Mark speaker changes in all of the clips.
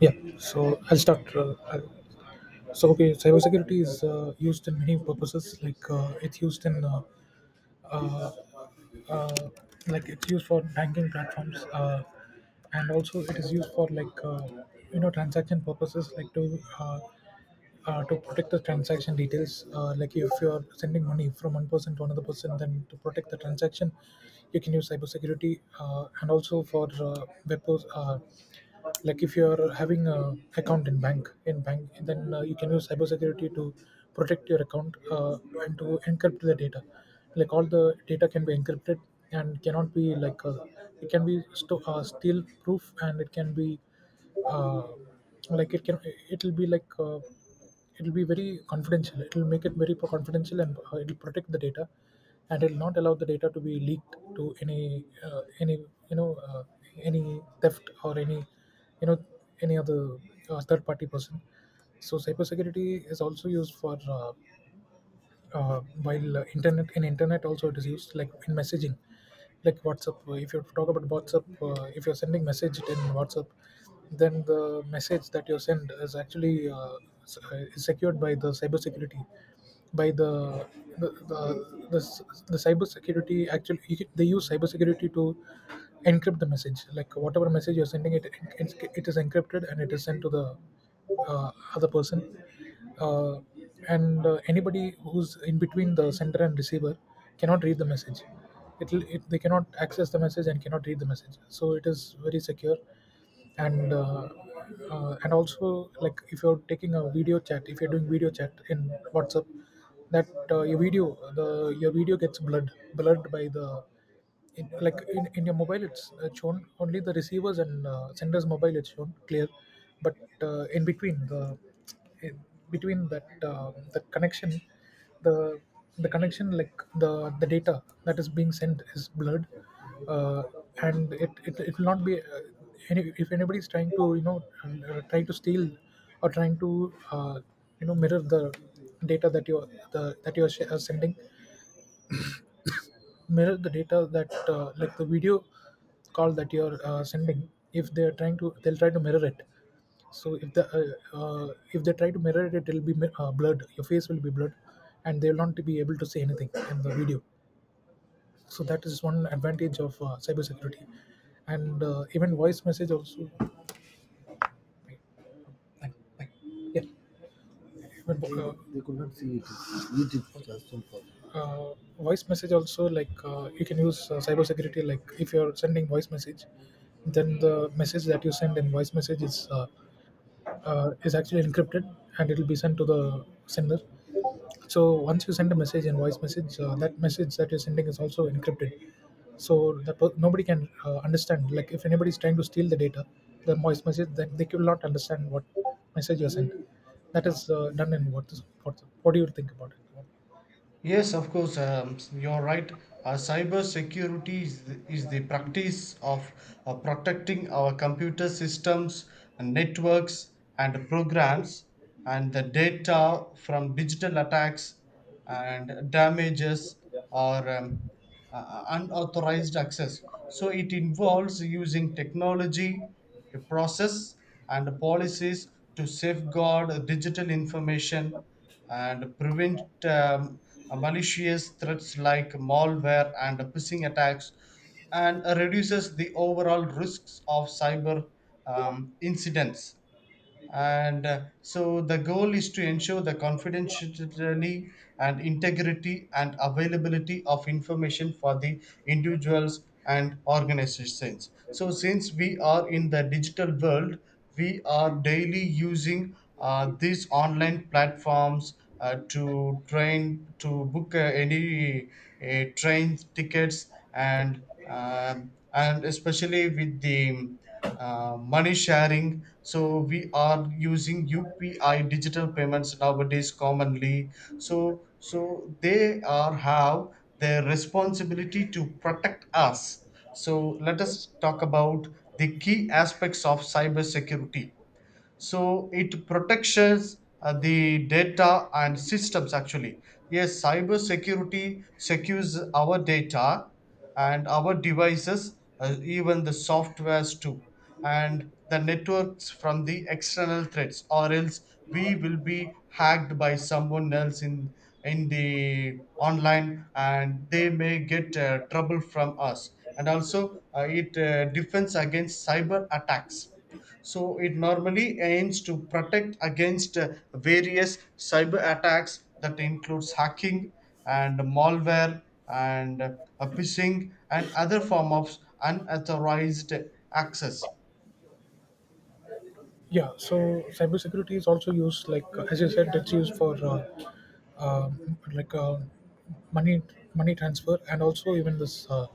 Speaker 1: Yeah, so I'll start. So cybersecurity is used in many purposes. Like it's used in, uh, uh, like it's used for banking platforms, and also it is used for like transaction purposes, like to protect the transaction details. Like if you are sending money from one person to another person, then to protect the transaction, you can use cybersecurity, and also for like if you're having a account in bank then you can use cybersecurity to protect your account and to encrypt the data, like all the data can be encrypted and cannot be like it can be still proof, and it can be uh, like it can, it'll be like uh, it'll be very confidential, it'll make it very confidential, and it'll protect the data and it will not allow the data to be leaked to any, you know uh, any theft or any, you know any other third party person. So cybersecurity is also used for uh, while internet, in internet, also it is used like in messaging, like WhatsApp. If you talk about WhatsApp, if you're sending message in WhatsApp, then the message that you send is actually is secured by the cybersecurity, by the cyber security. Actually, they use cyber security to encrypt the message. Like whatever message you're sending it, it is encrypted and it is sent to the other person, uh, and anybody who's in between the sender and receiver cannot read the message. It'll, it they cannot access the message and cannot read the message, so it is very secure. And and also like if you're taking a video chat, if you're doing video chat in WhatsApp, that your video, the your video gets blurred by the, in your mobile it's shown only the receivers and senders mobile, it's shown clear, but in between eh, between that, the connection, the the connection, like the the data that is being sent is blurred. uh, and it it will not be any, if anybody is trying to, trying to steal or trying to mirror the data that you the that you are sending, mirror the data that like the video call that you're sending. If they're trying to, they'll try to mirror it. So if the if they try to mirror it, blurred, your face will be blurred and they'll not be able to see anything in the video. So that is one advantage of cybersecurity. And even voice message also, like, like, yeah, but they uh, voice message also, like you can use cybersecurity. Like if you're sending voice message, then the message that you send in voice message is actually encrypted and it will be sent to the sender. So once you send a message in voice message, that message that you're sending is also encrypted. So that nobody can understand. Like if anybody is trying to steal the data, the voice message, then they will not understand what message you're sending. That is done in what, what. What do you think about it?
Speaker 2: Yes, of course, you're right. Cyber security is the practice of protecting our computer systems, and networks, and programs, and the data from digital attacks and damages or unauthorized access. So it involves using technology, a process, and policies to safeguard digital information and prevent malicious threats like malware and phishing attacks, and reduces the overall risks of cyber incidents. And uh, so the goal is to ensure the confidentiality and integrity and availability of information for the individuals and organizations. So since we are in the digital world, we are daily using these online platforms to train to book any train tickets and and especially with the money sharing. So we are using UPI digital payments nowadays commonly. So they are have their responsibility to protect us. So let us talk about the key aspects of cybersecurity. So it protects the data and systems. Actually, yes, cyber security secures our data and our devices, even the softwares too, and the networks from the external threats, or else we will be hacked by someone else in the online, and they may get trouble from us. And also it defends against cyber attacks. So it normally aims to protect against various cyber attacks that includes hacking and malware and phishing and other form of unauthorized access.
Speaker 1: Yeah, so cybersecurity is also used, like as you said, it's used for uh, like uh, money money transfer, and also even this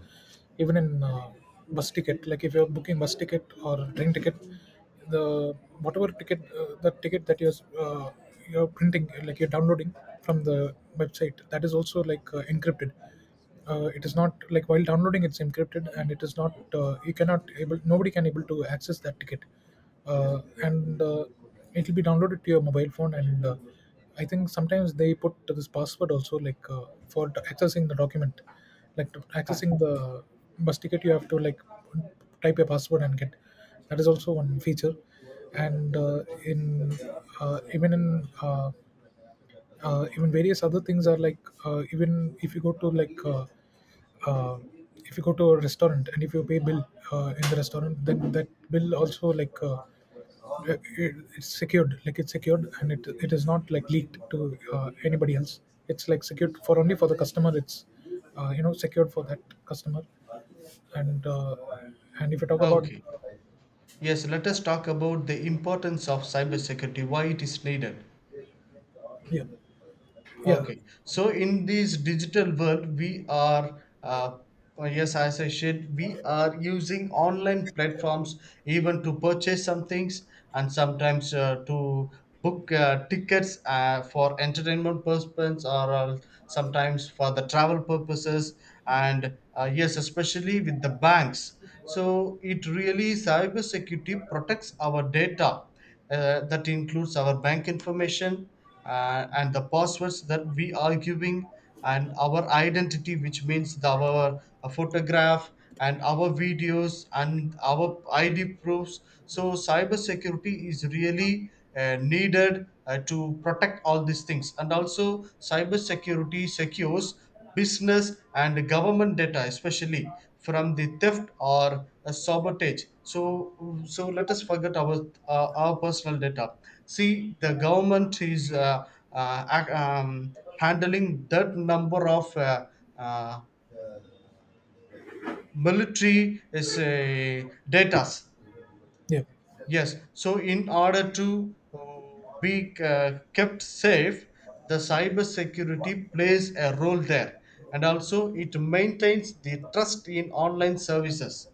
Speaker 1: even in bus ticket. Like if you're booking bus ticket or train ticket, the whatever ticket the ticket that uh, you're printing, like you're downloading from the website, that is also like encrypted. It is not like, while downloading it's encrypted, and it is not, you cannot able, nobody can able to access that ticket, and it will be downloaded to your mobile phone, and I think sometimes they put this password also, like for accessing the document, like to
Speaker 2: Fine.
Speaker 1: accessing the bus ticket you have to like type your password and get. That is also one feature. And in even in even various other things are like, even if you go to like uh, if you go to a restaurant and if you pay bill in the restaurant, then that bill also like it's secured, like it's secured, and it is not like leaked to anybody else. It's like secured for only for the customer, it's secured for that customer. And and if you talk about,
Speaker 2: Okay. Yes, let us talk about the importance of cybersecurity, why it is needed.
Speaker 1: yeah, yeah,
Speaker 2: Okay, so in this digital world, we are, yes, as I said, we are using online platforms even to purchase some things, and sometimes to book tickets for entertainment purposes, or sometimes for the travel purposes. And yes, especially with the banks. So it really, cybersecurity protects our data that includes our bank information and the passwords that we are giving, and our identity, which means our photograph and our videos and our id proofs. So cybersecurity is really needed to protect all these things. And also cybersecurity secures business and government data, especially from the theft or a sabotage. So let us forget our personal data. See, the government is handling that number of uh, military is data.
Speaker 1: yeah,
Speaker 2: Yes, so in order to be kept safe, the cyber security plays a role there, and also it maintains the trust in online services.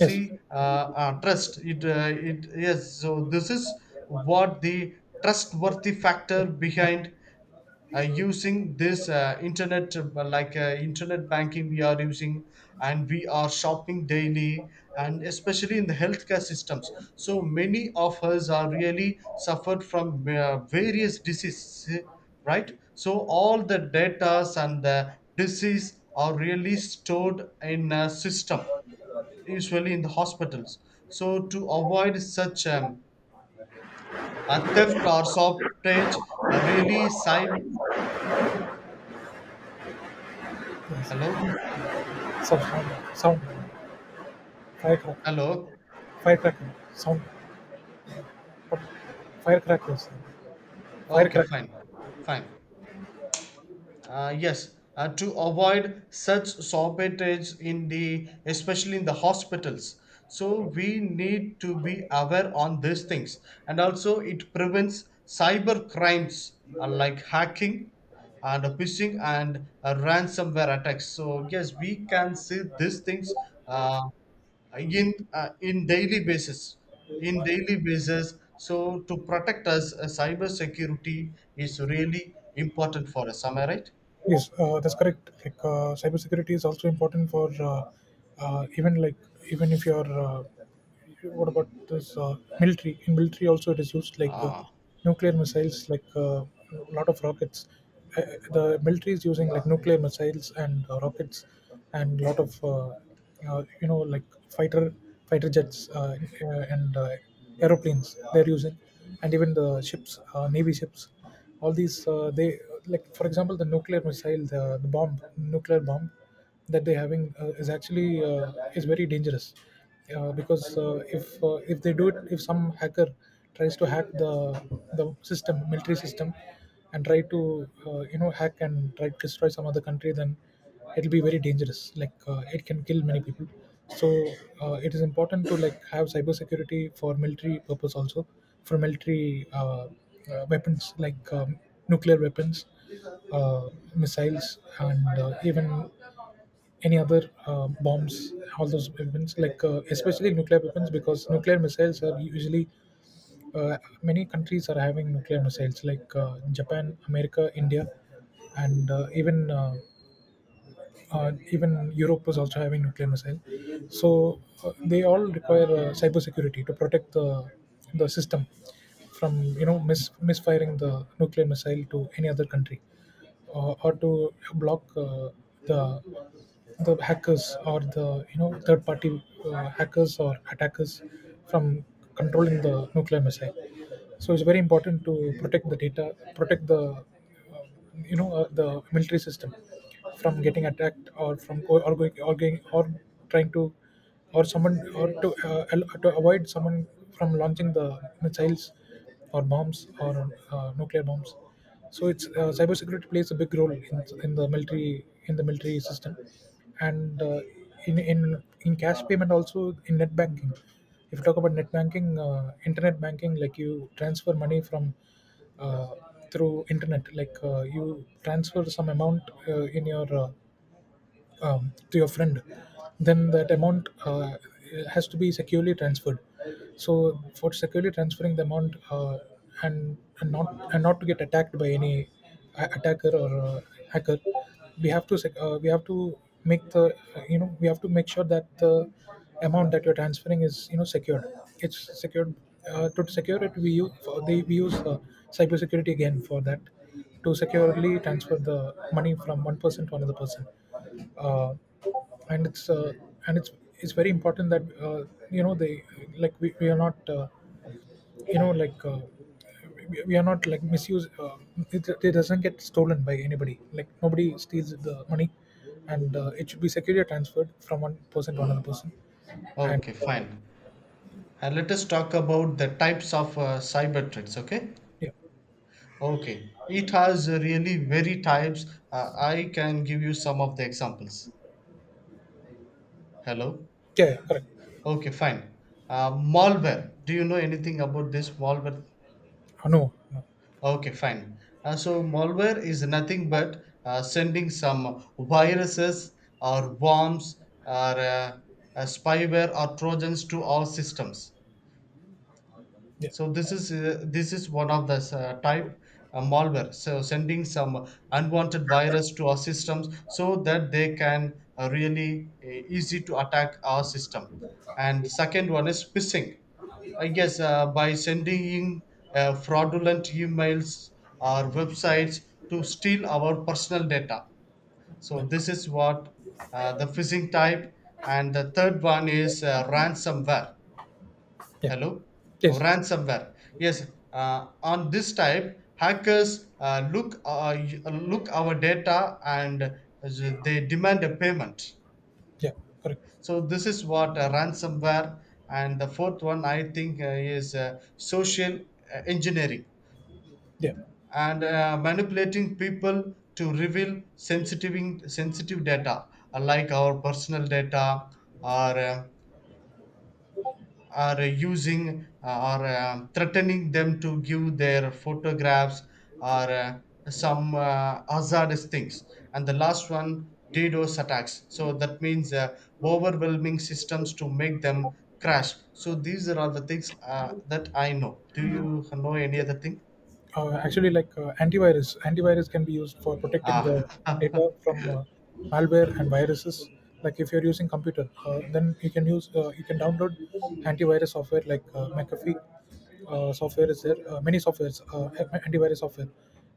Speaker 1: yes,
Speaker 2: trust. It yes. So this is what the trustworthy factor behind using this internet, like internet banking we are using, and we are shopping daily, and especially in the healthcare systems. So many of us are really suffered from various diseases, right? So all the datas and the disease are really stored in a system, usually in the hospitals. So to avoid such a theft or shortage, really cyber.
Speaker 1: yes,
Speaker 2: Hello.
Speaker 1: sound sound, firecracker,
Speaker 2: Hello.
Speaker 1: Firecrack, sound, firecrack हो गया,
Speaker 2: Okay,
Speaker 1: फायरक्रै.
Speaker 2: fine. Fine. Yes. To avoid such shortages in the, especially in the hospitals. So we need to be aware on these things. And also it prevents cyber crimes, like hacking and phishing and ransomware attacks. So yes, we can see these things uh, in in daily basis, in daily basis. So to protect us, cyber security is really important for us, am I right?
Speaker 1: Yes, that's correct. Like cybersecurity is also important for even like, even if you're what about this military? In military, also it is used, like
Speaker 2: Ah,
Speaker 1: nuclear missiles, like a lot of rockets. Uh, the military is using like nuclear missiles and rockets, and a lot of like fighter fighter jets, and aeroplanes they're using, and even the ships, navy ships, all these they, like for example the nuclear missile, the bomb nuclear bomb that they're having is actually is very dangerous, because if they do it, if some hacker tries to hack the system, military system, and try to hack and try to destroy some other country, then it'll be very dangerous, like it can kill many people. So it is important to like have cybersecurity for military purpose also, for military weapons, like nuclear weapons, uh, missiles, and even any other bombs, all those weapons, like especially nuclear weapons, because nuclear missiles are usually, many countries are having nuclear missiles, like Japan, America, India, and even Europe was also having nuclear missile. So they all require cybersecurity to protect the system from, misfiring the nuclear missile to any other country, or to block the the hackers or the, third party, hackers or attackers from controlling the nuclear missile. So it's very important to protect the data, protect the the military system from getting attacked, or from or going or going or trying to, or someone, or to to avoid someone from launching the missiles or bombs or nuclear bombs. So it's cybersecurity plays a big role in the military, in the military system, and in cash payment also, in net banking. If you talk about net banking, internet banking, like you transfer money from uh, through internet, like you transfer some amount in your to your friend, then that amount has to be securely transferred. So for securely transferring the amount, and not to get attacked by any attacker or hacker, we have to we have to make the, we have to make sure that the amount that you're transferring is, secured. It's secured. To secure it, we use cybersecurity again for that, to securely transfer the money from one person to another person. uh, and and it's it's very important that uh, they, like we are not you know like uh, we are not like misuse it, it doesn't get stolen by anybody, like nobody steals the money, and it should be securely transferred from one person to another person. And
Speaker 2: okay, fine. And let us talk about the types of cyber threats. Okay.
Speaker 1: yeah,
Speaker 2: Okay, it has really very types. I can give you some of the examples. Hello.
Speaker 1: yeah, yeah, correct.
Speaker 2: Okay, fine. Malware, do you know anything about this malware?
Speaker 1: No, no.
Speaker 2: Okay, fine. So malware is nothing but sending some viruses or worms or spyware or trojans to our systems.
Speaker 1: Yeah,
Speaker 2: So this is one of the type, malware. So sending some unwanted virus to our systems so that they can really easy to attack our system. And second one is phishing. I guess by sending fraudulent emails or websites to steal our personal data. So
Speaker 1: yeah,
Speaker 2: this is what the phishing type. And the third one is ransomware.
Speaker 1: yeah,
Speaker 2: Hello? Oh,
Speaker 1: yes,
Speaker 2: ransomware. Yes, on this type, hackers look our data, and they demand a payment.
Speaker 1: yeah, correct.
Speaker 2: So this is what ransomware. And the fourth one, I think, is social engineering,
Speaker 1: Yeah.
Speaker 2: and manipulating people to reveal sensitive data, like our personal data or are using or threatening them to give their photographs or some hazardous things. And the last one, DDoS attacks. So that means overwhelming systems to make them crash. So these are all the things that I know. Do you know any other thing?
Speaker 1: Actually, antivirus can be used for protecting the
Speaker 2: Ah,
Speaker 1: data from malware and viruses. Like if you're using computer, then you can use you can download antivirus software, like McAfee software is there. Many softwares, antivirus software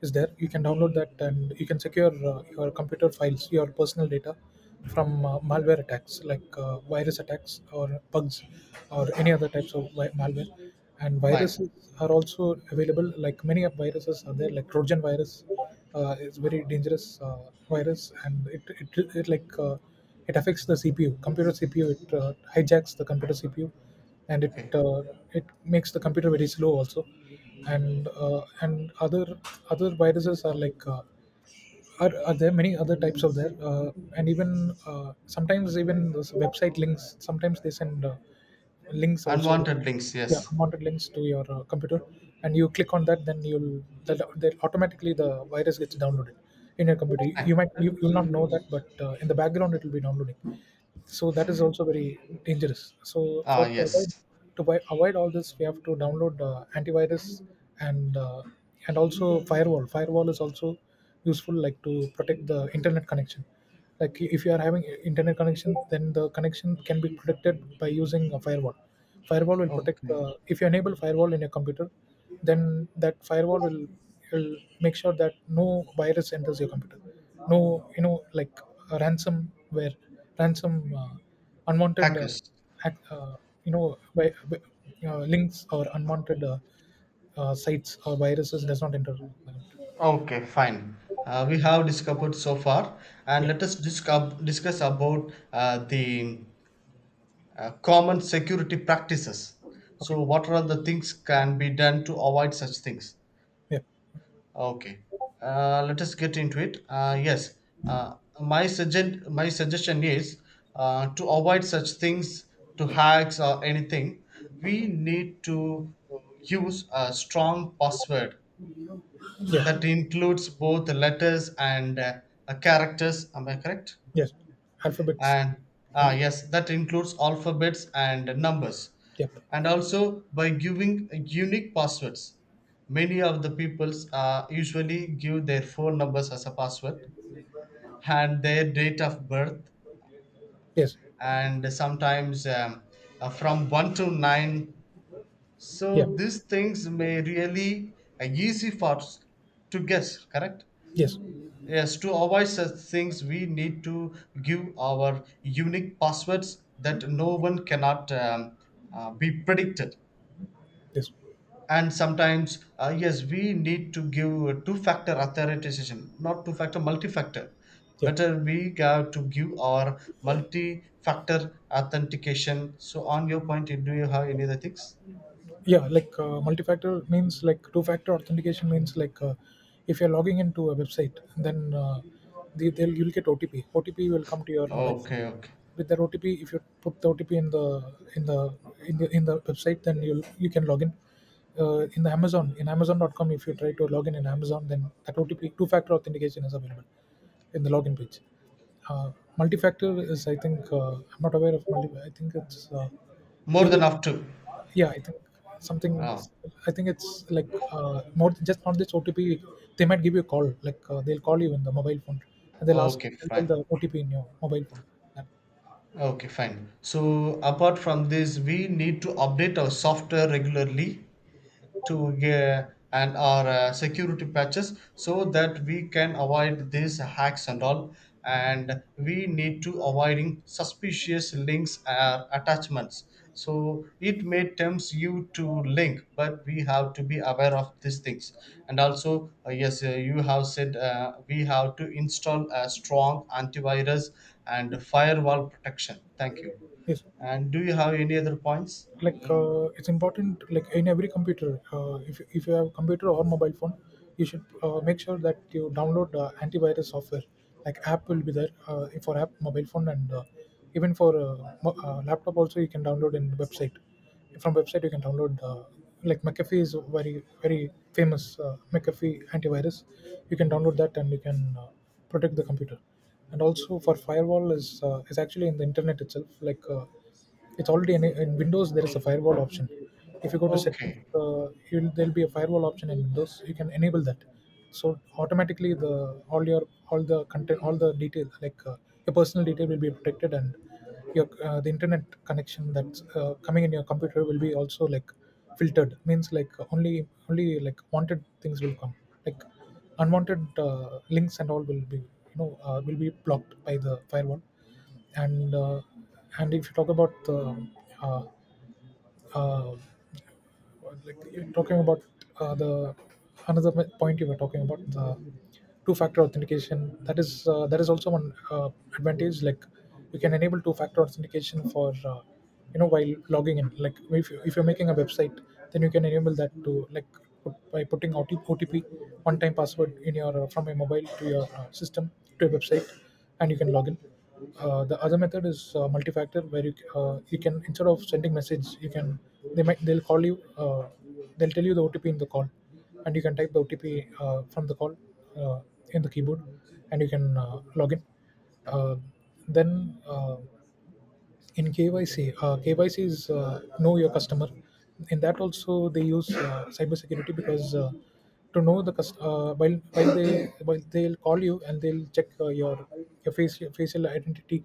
Speaker 1: is there. You can download that and you can secure your computer files, your personal data from malware attacks like virus attacks or bugs or any other types of malware and
Speaker 2: fine.
Speaker 1: viruses are also available. Like many of viruses are there, like trojan virus is very dangerous virus, and it like uh, it affects the cpu computer cpu. It hijacks the computer cpu, and it
Speaker 2: Okay.
Speaker 1: uh, it makes the computer very slow also. And and other other viruses are there many other types of there. And even sometimes, even those website links, sometimes they send links also,
Speaker 2: Unwanted links.
Speaker 1: yeah,
Speaker 2: Yes.
Speaker 1: unwanted links to your computer, and you click on that, then you'll that, that automatically the virus gets downloaded in your computer.
Speaker 2: Fine.
Speaker 1: You'll not know that, but in the background it will be downloading, so that is also very dangerous. So for
Speaker 2: Ah,
Speaker 1: to avoid
Speaker 2: yes.
Speaker 1: avoid all this, we have to download antivirus, and and also firewall. Firewall is also useful, like to protect the internet connection. Like if you are having internet connection, then the connection can be protected by using a firewall. Firewall will protect,
Speaker 2: Okay.
Speaker 1: if you enable firewall in your computer, then that firewall will make sure that no virus enters your computer, no, you know, like a ransom where ransom uh, unwanted
Speaker 2: Hackers.
Speaker 1: ac- uh, you know by, by, links or unwanted sites or viruses does not enter.
Speaker 2: Okay, fine. We have discovered so far, and
Speaker 1: Yeah.
Speaker 2: let us discuss about the common security practices.
Speaker 1: Okay.
Speaker 2: So, what are the things can be done to avoid such things?
Speaker 1: Yeah,
Speaker 2: Okay, let us get into it. Yes, uh, my suggestion is to avoid such things, to hacks or anything. We need to use a strong password
Speaker 1: yeah.
Speaker 2: that includes both letters and characters, am I correct?
Speaker 1: Yes. Alphabets.
Speaker 2: And ah
Speaker 1: alpha,
Speaker 2: yes, that includes alphabets and numbers,
Speaker 1: yep.
Speaker 2: and also by giving unique passwords. Many of the peoples usually give their phone numbers as a password, and their date of birth,
Speaker 1: Yes.
Speaker 2: and sometimes from 1 to 9. So
Speaker 1: Yeah.
Speaker 2: these things may really easy for us to guess, correct?
Speaker 1: Yes.
Speaker 2: Yes, to avoid such things, we need to give our unique passwords that no one cannot be predicted.
Speaker 1: Yes.
Speaker 2: And sometimes, yes, we need to give two factor authentication, not two factor, multi factor.
Speaker 1: Yeah,
Speaker 2: Better we have to give our multi factor authentication. So, on your point, do you have any other things?
Speaker 1: yeah, like multi-factor means, like, two-factor authentication means, like, if you're logging into a website, then they, they'll you'll get otp. Otp will come to your mobile phone.
Speaker 2: Okay, okay.
Speaker 1: With that otp, if you put the otp in the website, then you can log in. In the amazon, in amazon.com, if you try to log in amazon, then that otp two-factor authentication is available in the login page. uh, Multi-factor is, I think I'm not aware of multi, I think it's
Speaker 2: More than
Speaker 1: various.
Speaker 2: up to.
Speaker 1: Yeah, I think something,
Speaker 2: Ah,
Speaker 1: I think it's like just not this otp. They might give you a call, like they'll call you in the mobile phone and
Speaker 2: okay,
Speaker 1: they'll tell
Speaker 2: fine.
Speaker 1: the otp in your mobile phone. that,
Speaker 2: Okay, fine. So apart from this, we need to update our software regularly to and our security patches, so that we can avoid these hacks and all. And we need to avoiding suspicious links or attachments, so it may tempt you to link, but we have to be aware of these things. And also yes, you have said we have to install a strong antivirus and firewall protection. Thank you.
Speaker 1: yes,
Speaker 2: And do you have any other points?
Speaker 1: like
Speaker 2: Um,
Speaker 1: it's important, like in every computer, if you have a computer or mobile phone, you should make sure that you download antivirus software. Like app will be there for app mobile phone, and even for laptop also you can download in website. From website you can download like mcafee. Is very very famous mcafee antivirus. You can download that and you can protect the computer. And also for firewall is actually in the internet itself, like it's already in windows. There is a firewall option. If you go to settings,
Speaker 2: okay.
Speaker 1: there'll be a firewall option in windows. You can enable that, so automatically the all your all the content all the details, like your personal detail will be protected, and your the internet connection that's coming in your computer will be also like filtered, means like only only like wanted things will come, like unwanted links and all will be, you know, will be blocked by the firewall. And and if you talk about uh, uh, like you're talking about the another m- point, you were talking about the two-factor authentication. That is that is also one advantage. Like you can enable two-factor authentication for you know, while logging in, like if you're making a website, then you can enable that to, like, by putting OTP, one-time password, in your from your mobile to your system, to your website, and you can log in. The other method is multi-factor, where you can, instead of sending message, you can, they might, they'll call you, they'll tell you the OTP in the call, and you can type the OTP from the call uh, in the keyboard, and you can log in. Uh, then in KYC, KYC is know your customer. In that also they use cybersecurity, because to know the while they while they'll call you, and they'll check your face, your facial identity.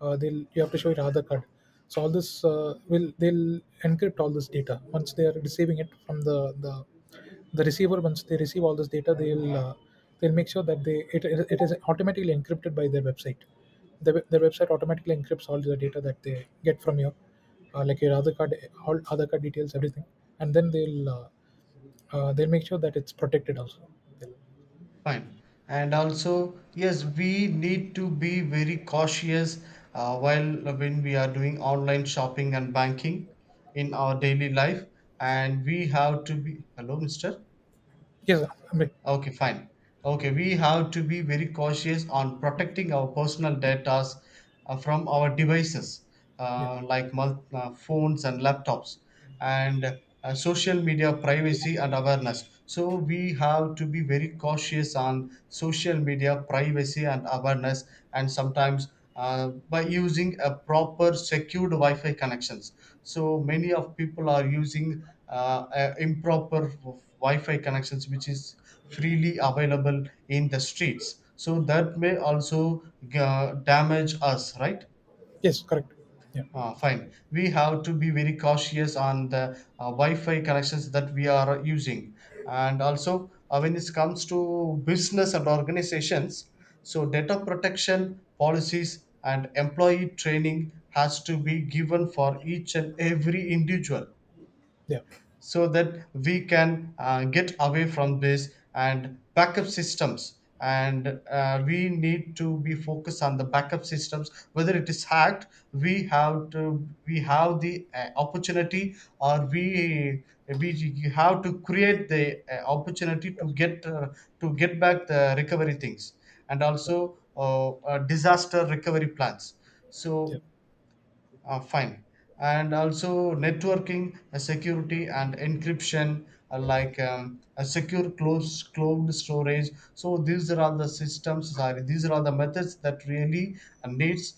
Speaker 1: They'll, you have to show your Aadhaar card. So all this will they'll encrypt all this data. Once they are receiving it from the receiver once they receive all this data, they'll make sure that they, it is automatically encrypted by their website. Their their website automatically encrypts all the data that they get from your like your other card, all other card details, everything. And then they'll make sure that it's protected also.
Speaker 2: Fine. And also, yes, we need to be very cautious while, when we are doing online shopping and banking in our daily life. And we have to be. Hello, mister.
Speaker 1: Yes. I mean,
Speaker 2: Okay, fine. Okay, we have to be very cautious on protecting our personal data from our devices,
Speaker 1: yeah.
Speaker 2: like phones and laptops, and social media privacy and awareness. So, we have to be very cautious on social media privacy and awareness, and sometimes by using a proper secured Wi Fi connections. So, many of people are using improper Wi Fi connections, which is freely available in the streets, so that may also damage us, right?
Speaker 1: Yes, correct. Yeah,
Speaker 2: Ah, fine, we have to be very cautious on the wi-fi connections that we are using. And also when it comes to business and organizations, so data protection policies and employee training has to be given for each and every individual,
Speaker 1: yeah,
Speaker 2: so that we can get away from this. And backup systems, and we need to be focused on the backup systems, whether it is hacked, we have to, we have the opportunity, or we have to create the opportunity to get back the recovery things. And
Speaker 1: so,
Speaker 2: also disaster recovery plans.
Speaker 1: yeah.
Speaker 2: So fine. And also networking, security, and encryption, like a secure closed cloud storage. So these are all the systems. Sorry, these are all the methods that really needs.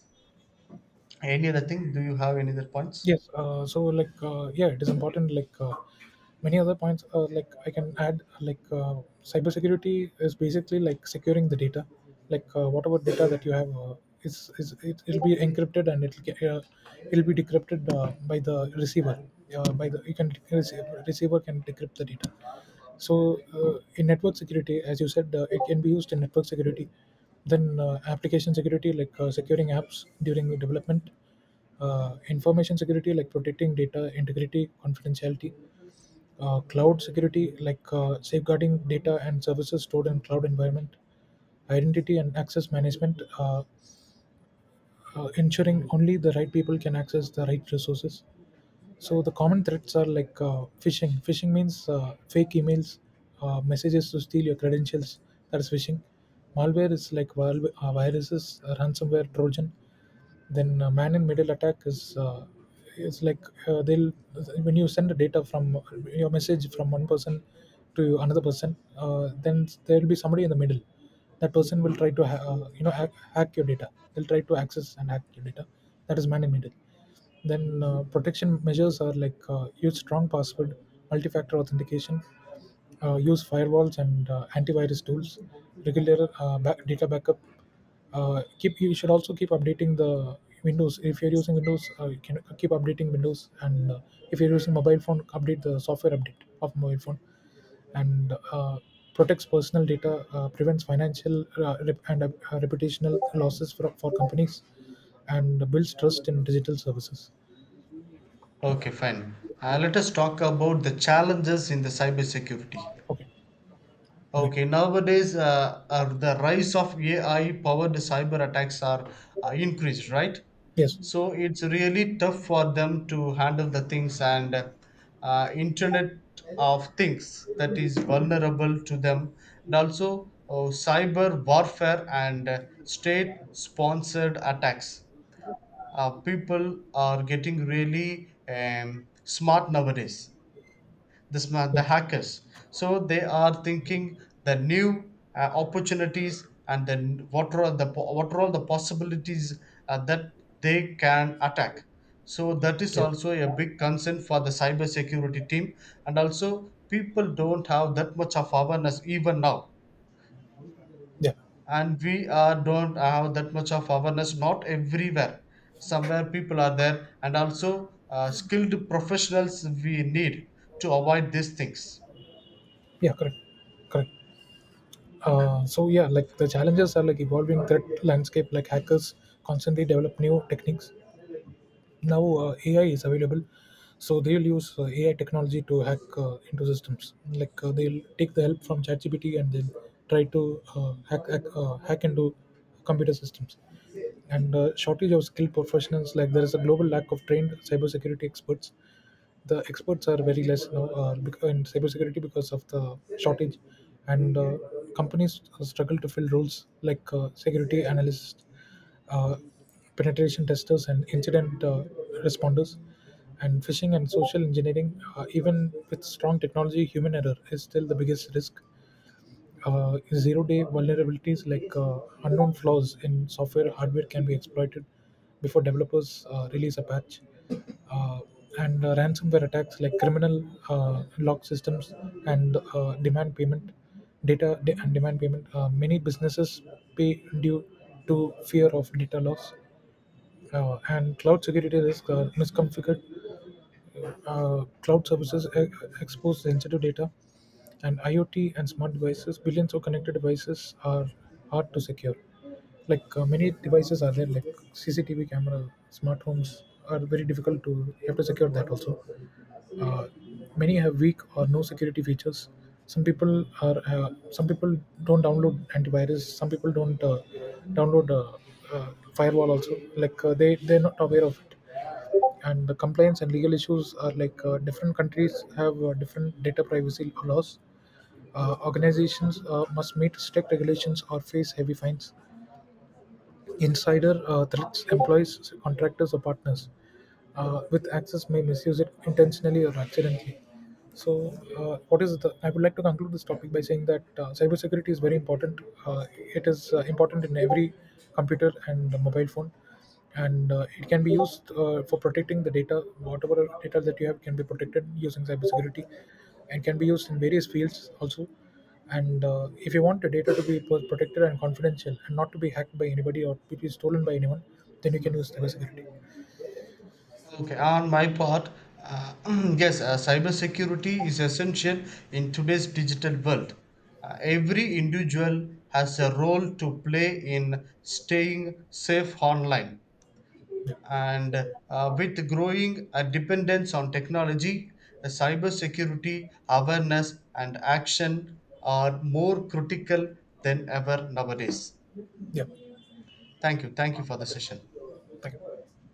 Speaker 2: Any other thing? Do you have any other points?
Speaker 1: Yes, so like yeah, it is important. Like many other points, like I can add, like cybersecurity is basically like securing the data, like whatever data that you have is it'll be encrypted, and it'll get, it'll be decrypted by the receiver. By the you can receiver can decrypt the data. So, in network security, as you said, it can be used in network security. Then, application security, like securing apps during the development, information security, like protecting data integrity, confidentiality, cloud security, like safeguarding data and services stored in cloud environment, identity and access management, ensuring only the right people can access the right resources. So the common threats are like phishing. Phishing means fake emails, messages to steal your credentials. That's phishing. Malware is like viruses, ransomware, Trojan. Then man in middle attack is like they'll, when you send the data from your message from one person to another person, then there will be somebody in the middle. That person will try to you know, hack your data. They'll try to access and hack your data. That is man in middle. Then protection measures are like use strong password, multi-factor authentication, use firewalls and antivirus tools, regular data backup. Keep, you should also keep updating the Windows. If you're using Windows, you can keep updating Windows, and if you're using mobile phone, update the software update of mobile phone, and protects personal data, prevents financial rep- and reputational losses for companies, and builds trust in digital services.
Speaker 2: Okay, fine. Let us talk about the challenges in the cybersecurity.
Speaker 1: Okay. Okay.
Speaker 2: Okay, nowadays, the rise of AI-powered cyber attacks are increased, right?
Speaker 1: Yes.
Speaker 2: So it's really tough for them to handle the things, and Internet of Things that is vulnerable to them, and also cyber warfare and state-sponsored attacks. People are getting really smart nowadays, the smart, the
Speaker 1: Yeah.
Speaker 2: hackers. So they are thinking the new opportunities, and then what are all the possibilities that they can attack. So that is
Speaker 1: Yeah.
Speaker 2: also a big concern for the cyber security team. And also people don't have that much of awareness even now,
Speaker 1: Yeah.
Speaker 2: and we are don't have that much of awareness not everywhere, somewhere people are there. And also skilled professionals we need to avoid these things.
Speaker 1: Yeah, correct. Correct. So yeah, like the challenges are like evolving threat landscape. Like hackers constantly develop new techniques. Now ai is available, so they'll use ai technology to hack into systems, like they'll take the help from chatgpt and they'll try to hack into computer systems. And shortage of skilled professionals, like there is a global lack of trained cybersecurity experts. The experts are very less now, in cybersecurity because of the shortage, and companies struggle to fill roles like security analysts, uh, penetration testers, and incident responders. And phishing and social engineering, even with strong technology, human error is still the biggest risk. Zero-day vulnerabilities, like unknown flaws in software or hardware can be exploited before developers release a patch. Uh, and Ransomware attacks, like criminal lock systems and demand payment, data de- and demand payment. Many businesses pay due to fear of data loss. And cloud security risk are misconfigured cloud services expose sensitive data, and IoT and smart devices, billions of connected devices are hard to secure. Like many devices are there, like CCTV camera, smart homes are very difficult to. You have to secure that also. Uh, Many have weak or no security features. Some people are. Some people don't download antivirus. Some people don't download firewall also. Like they they're not aware of it. And the compliance and legal issues are like different countries have different data privacy laws. Organizations must meet strict regulations or face heavy fines. Insider threats, employees, contractors, or partners with access may misuse it intentionally or accidentally. So what is the I would like to conclude this topic by saying that cybersecurity is very important. uh, it is important in every computer and mobile phone, and it can be used for protecting the data. Whatever data that you have can be protected using cybersecurity, and can be used in various fields also. And if you want the data to be protected and confidential, and not to be hacked by anybody or to be stolen by anyone, then you can use cybersecurity.
Speaker 2: Okay, on my part, uh, yes, cybersecurity is essential in today's digital world. Every individual has a role to play in staying safe online. And with growing dependence on technology, cybersecurity awareness and action are more critical than ever nowadays.
Speaker 1: Yeah.
Speaker 2: Thank you. Thank you for the
Speaker 1: Okay.
Speaker 2: session.
Speaker 1: Thank you.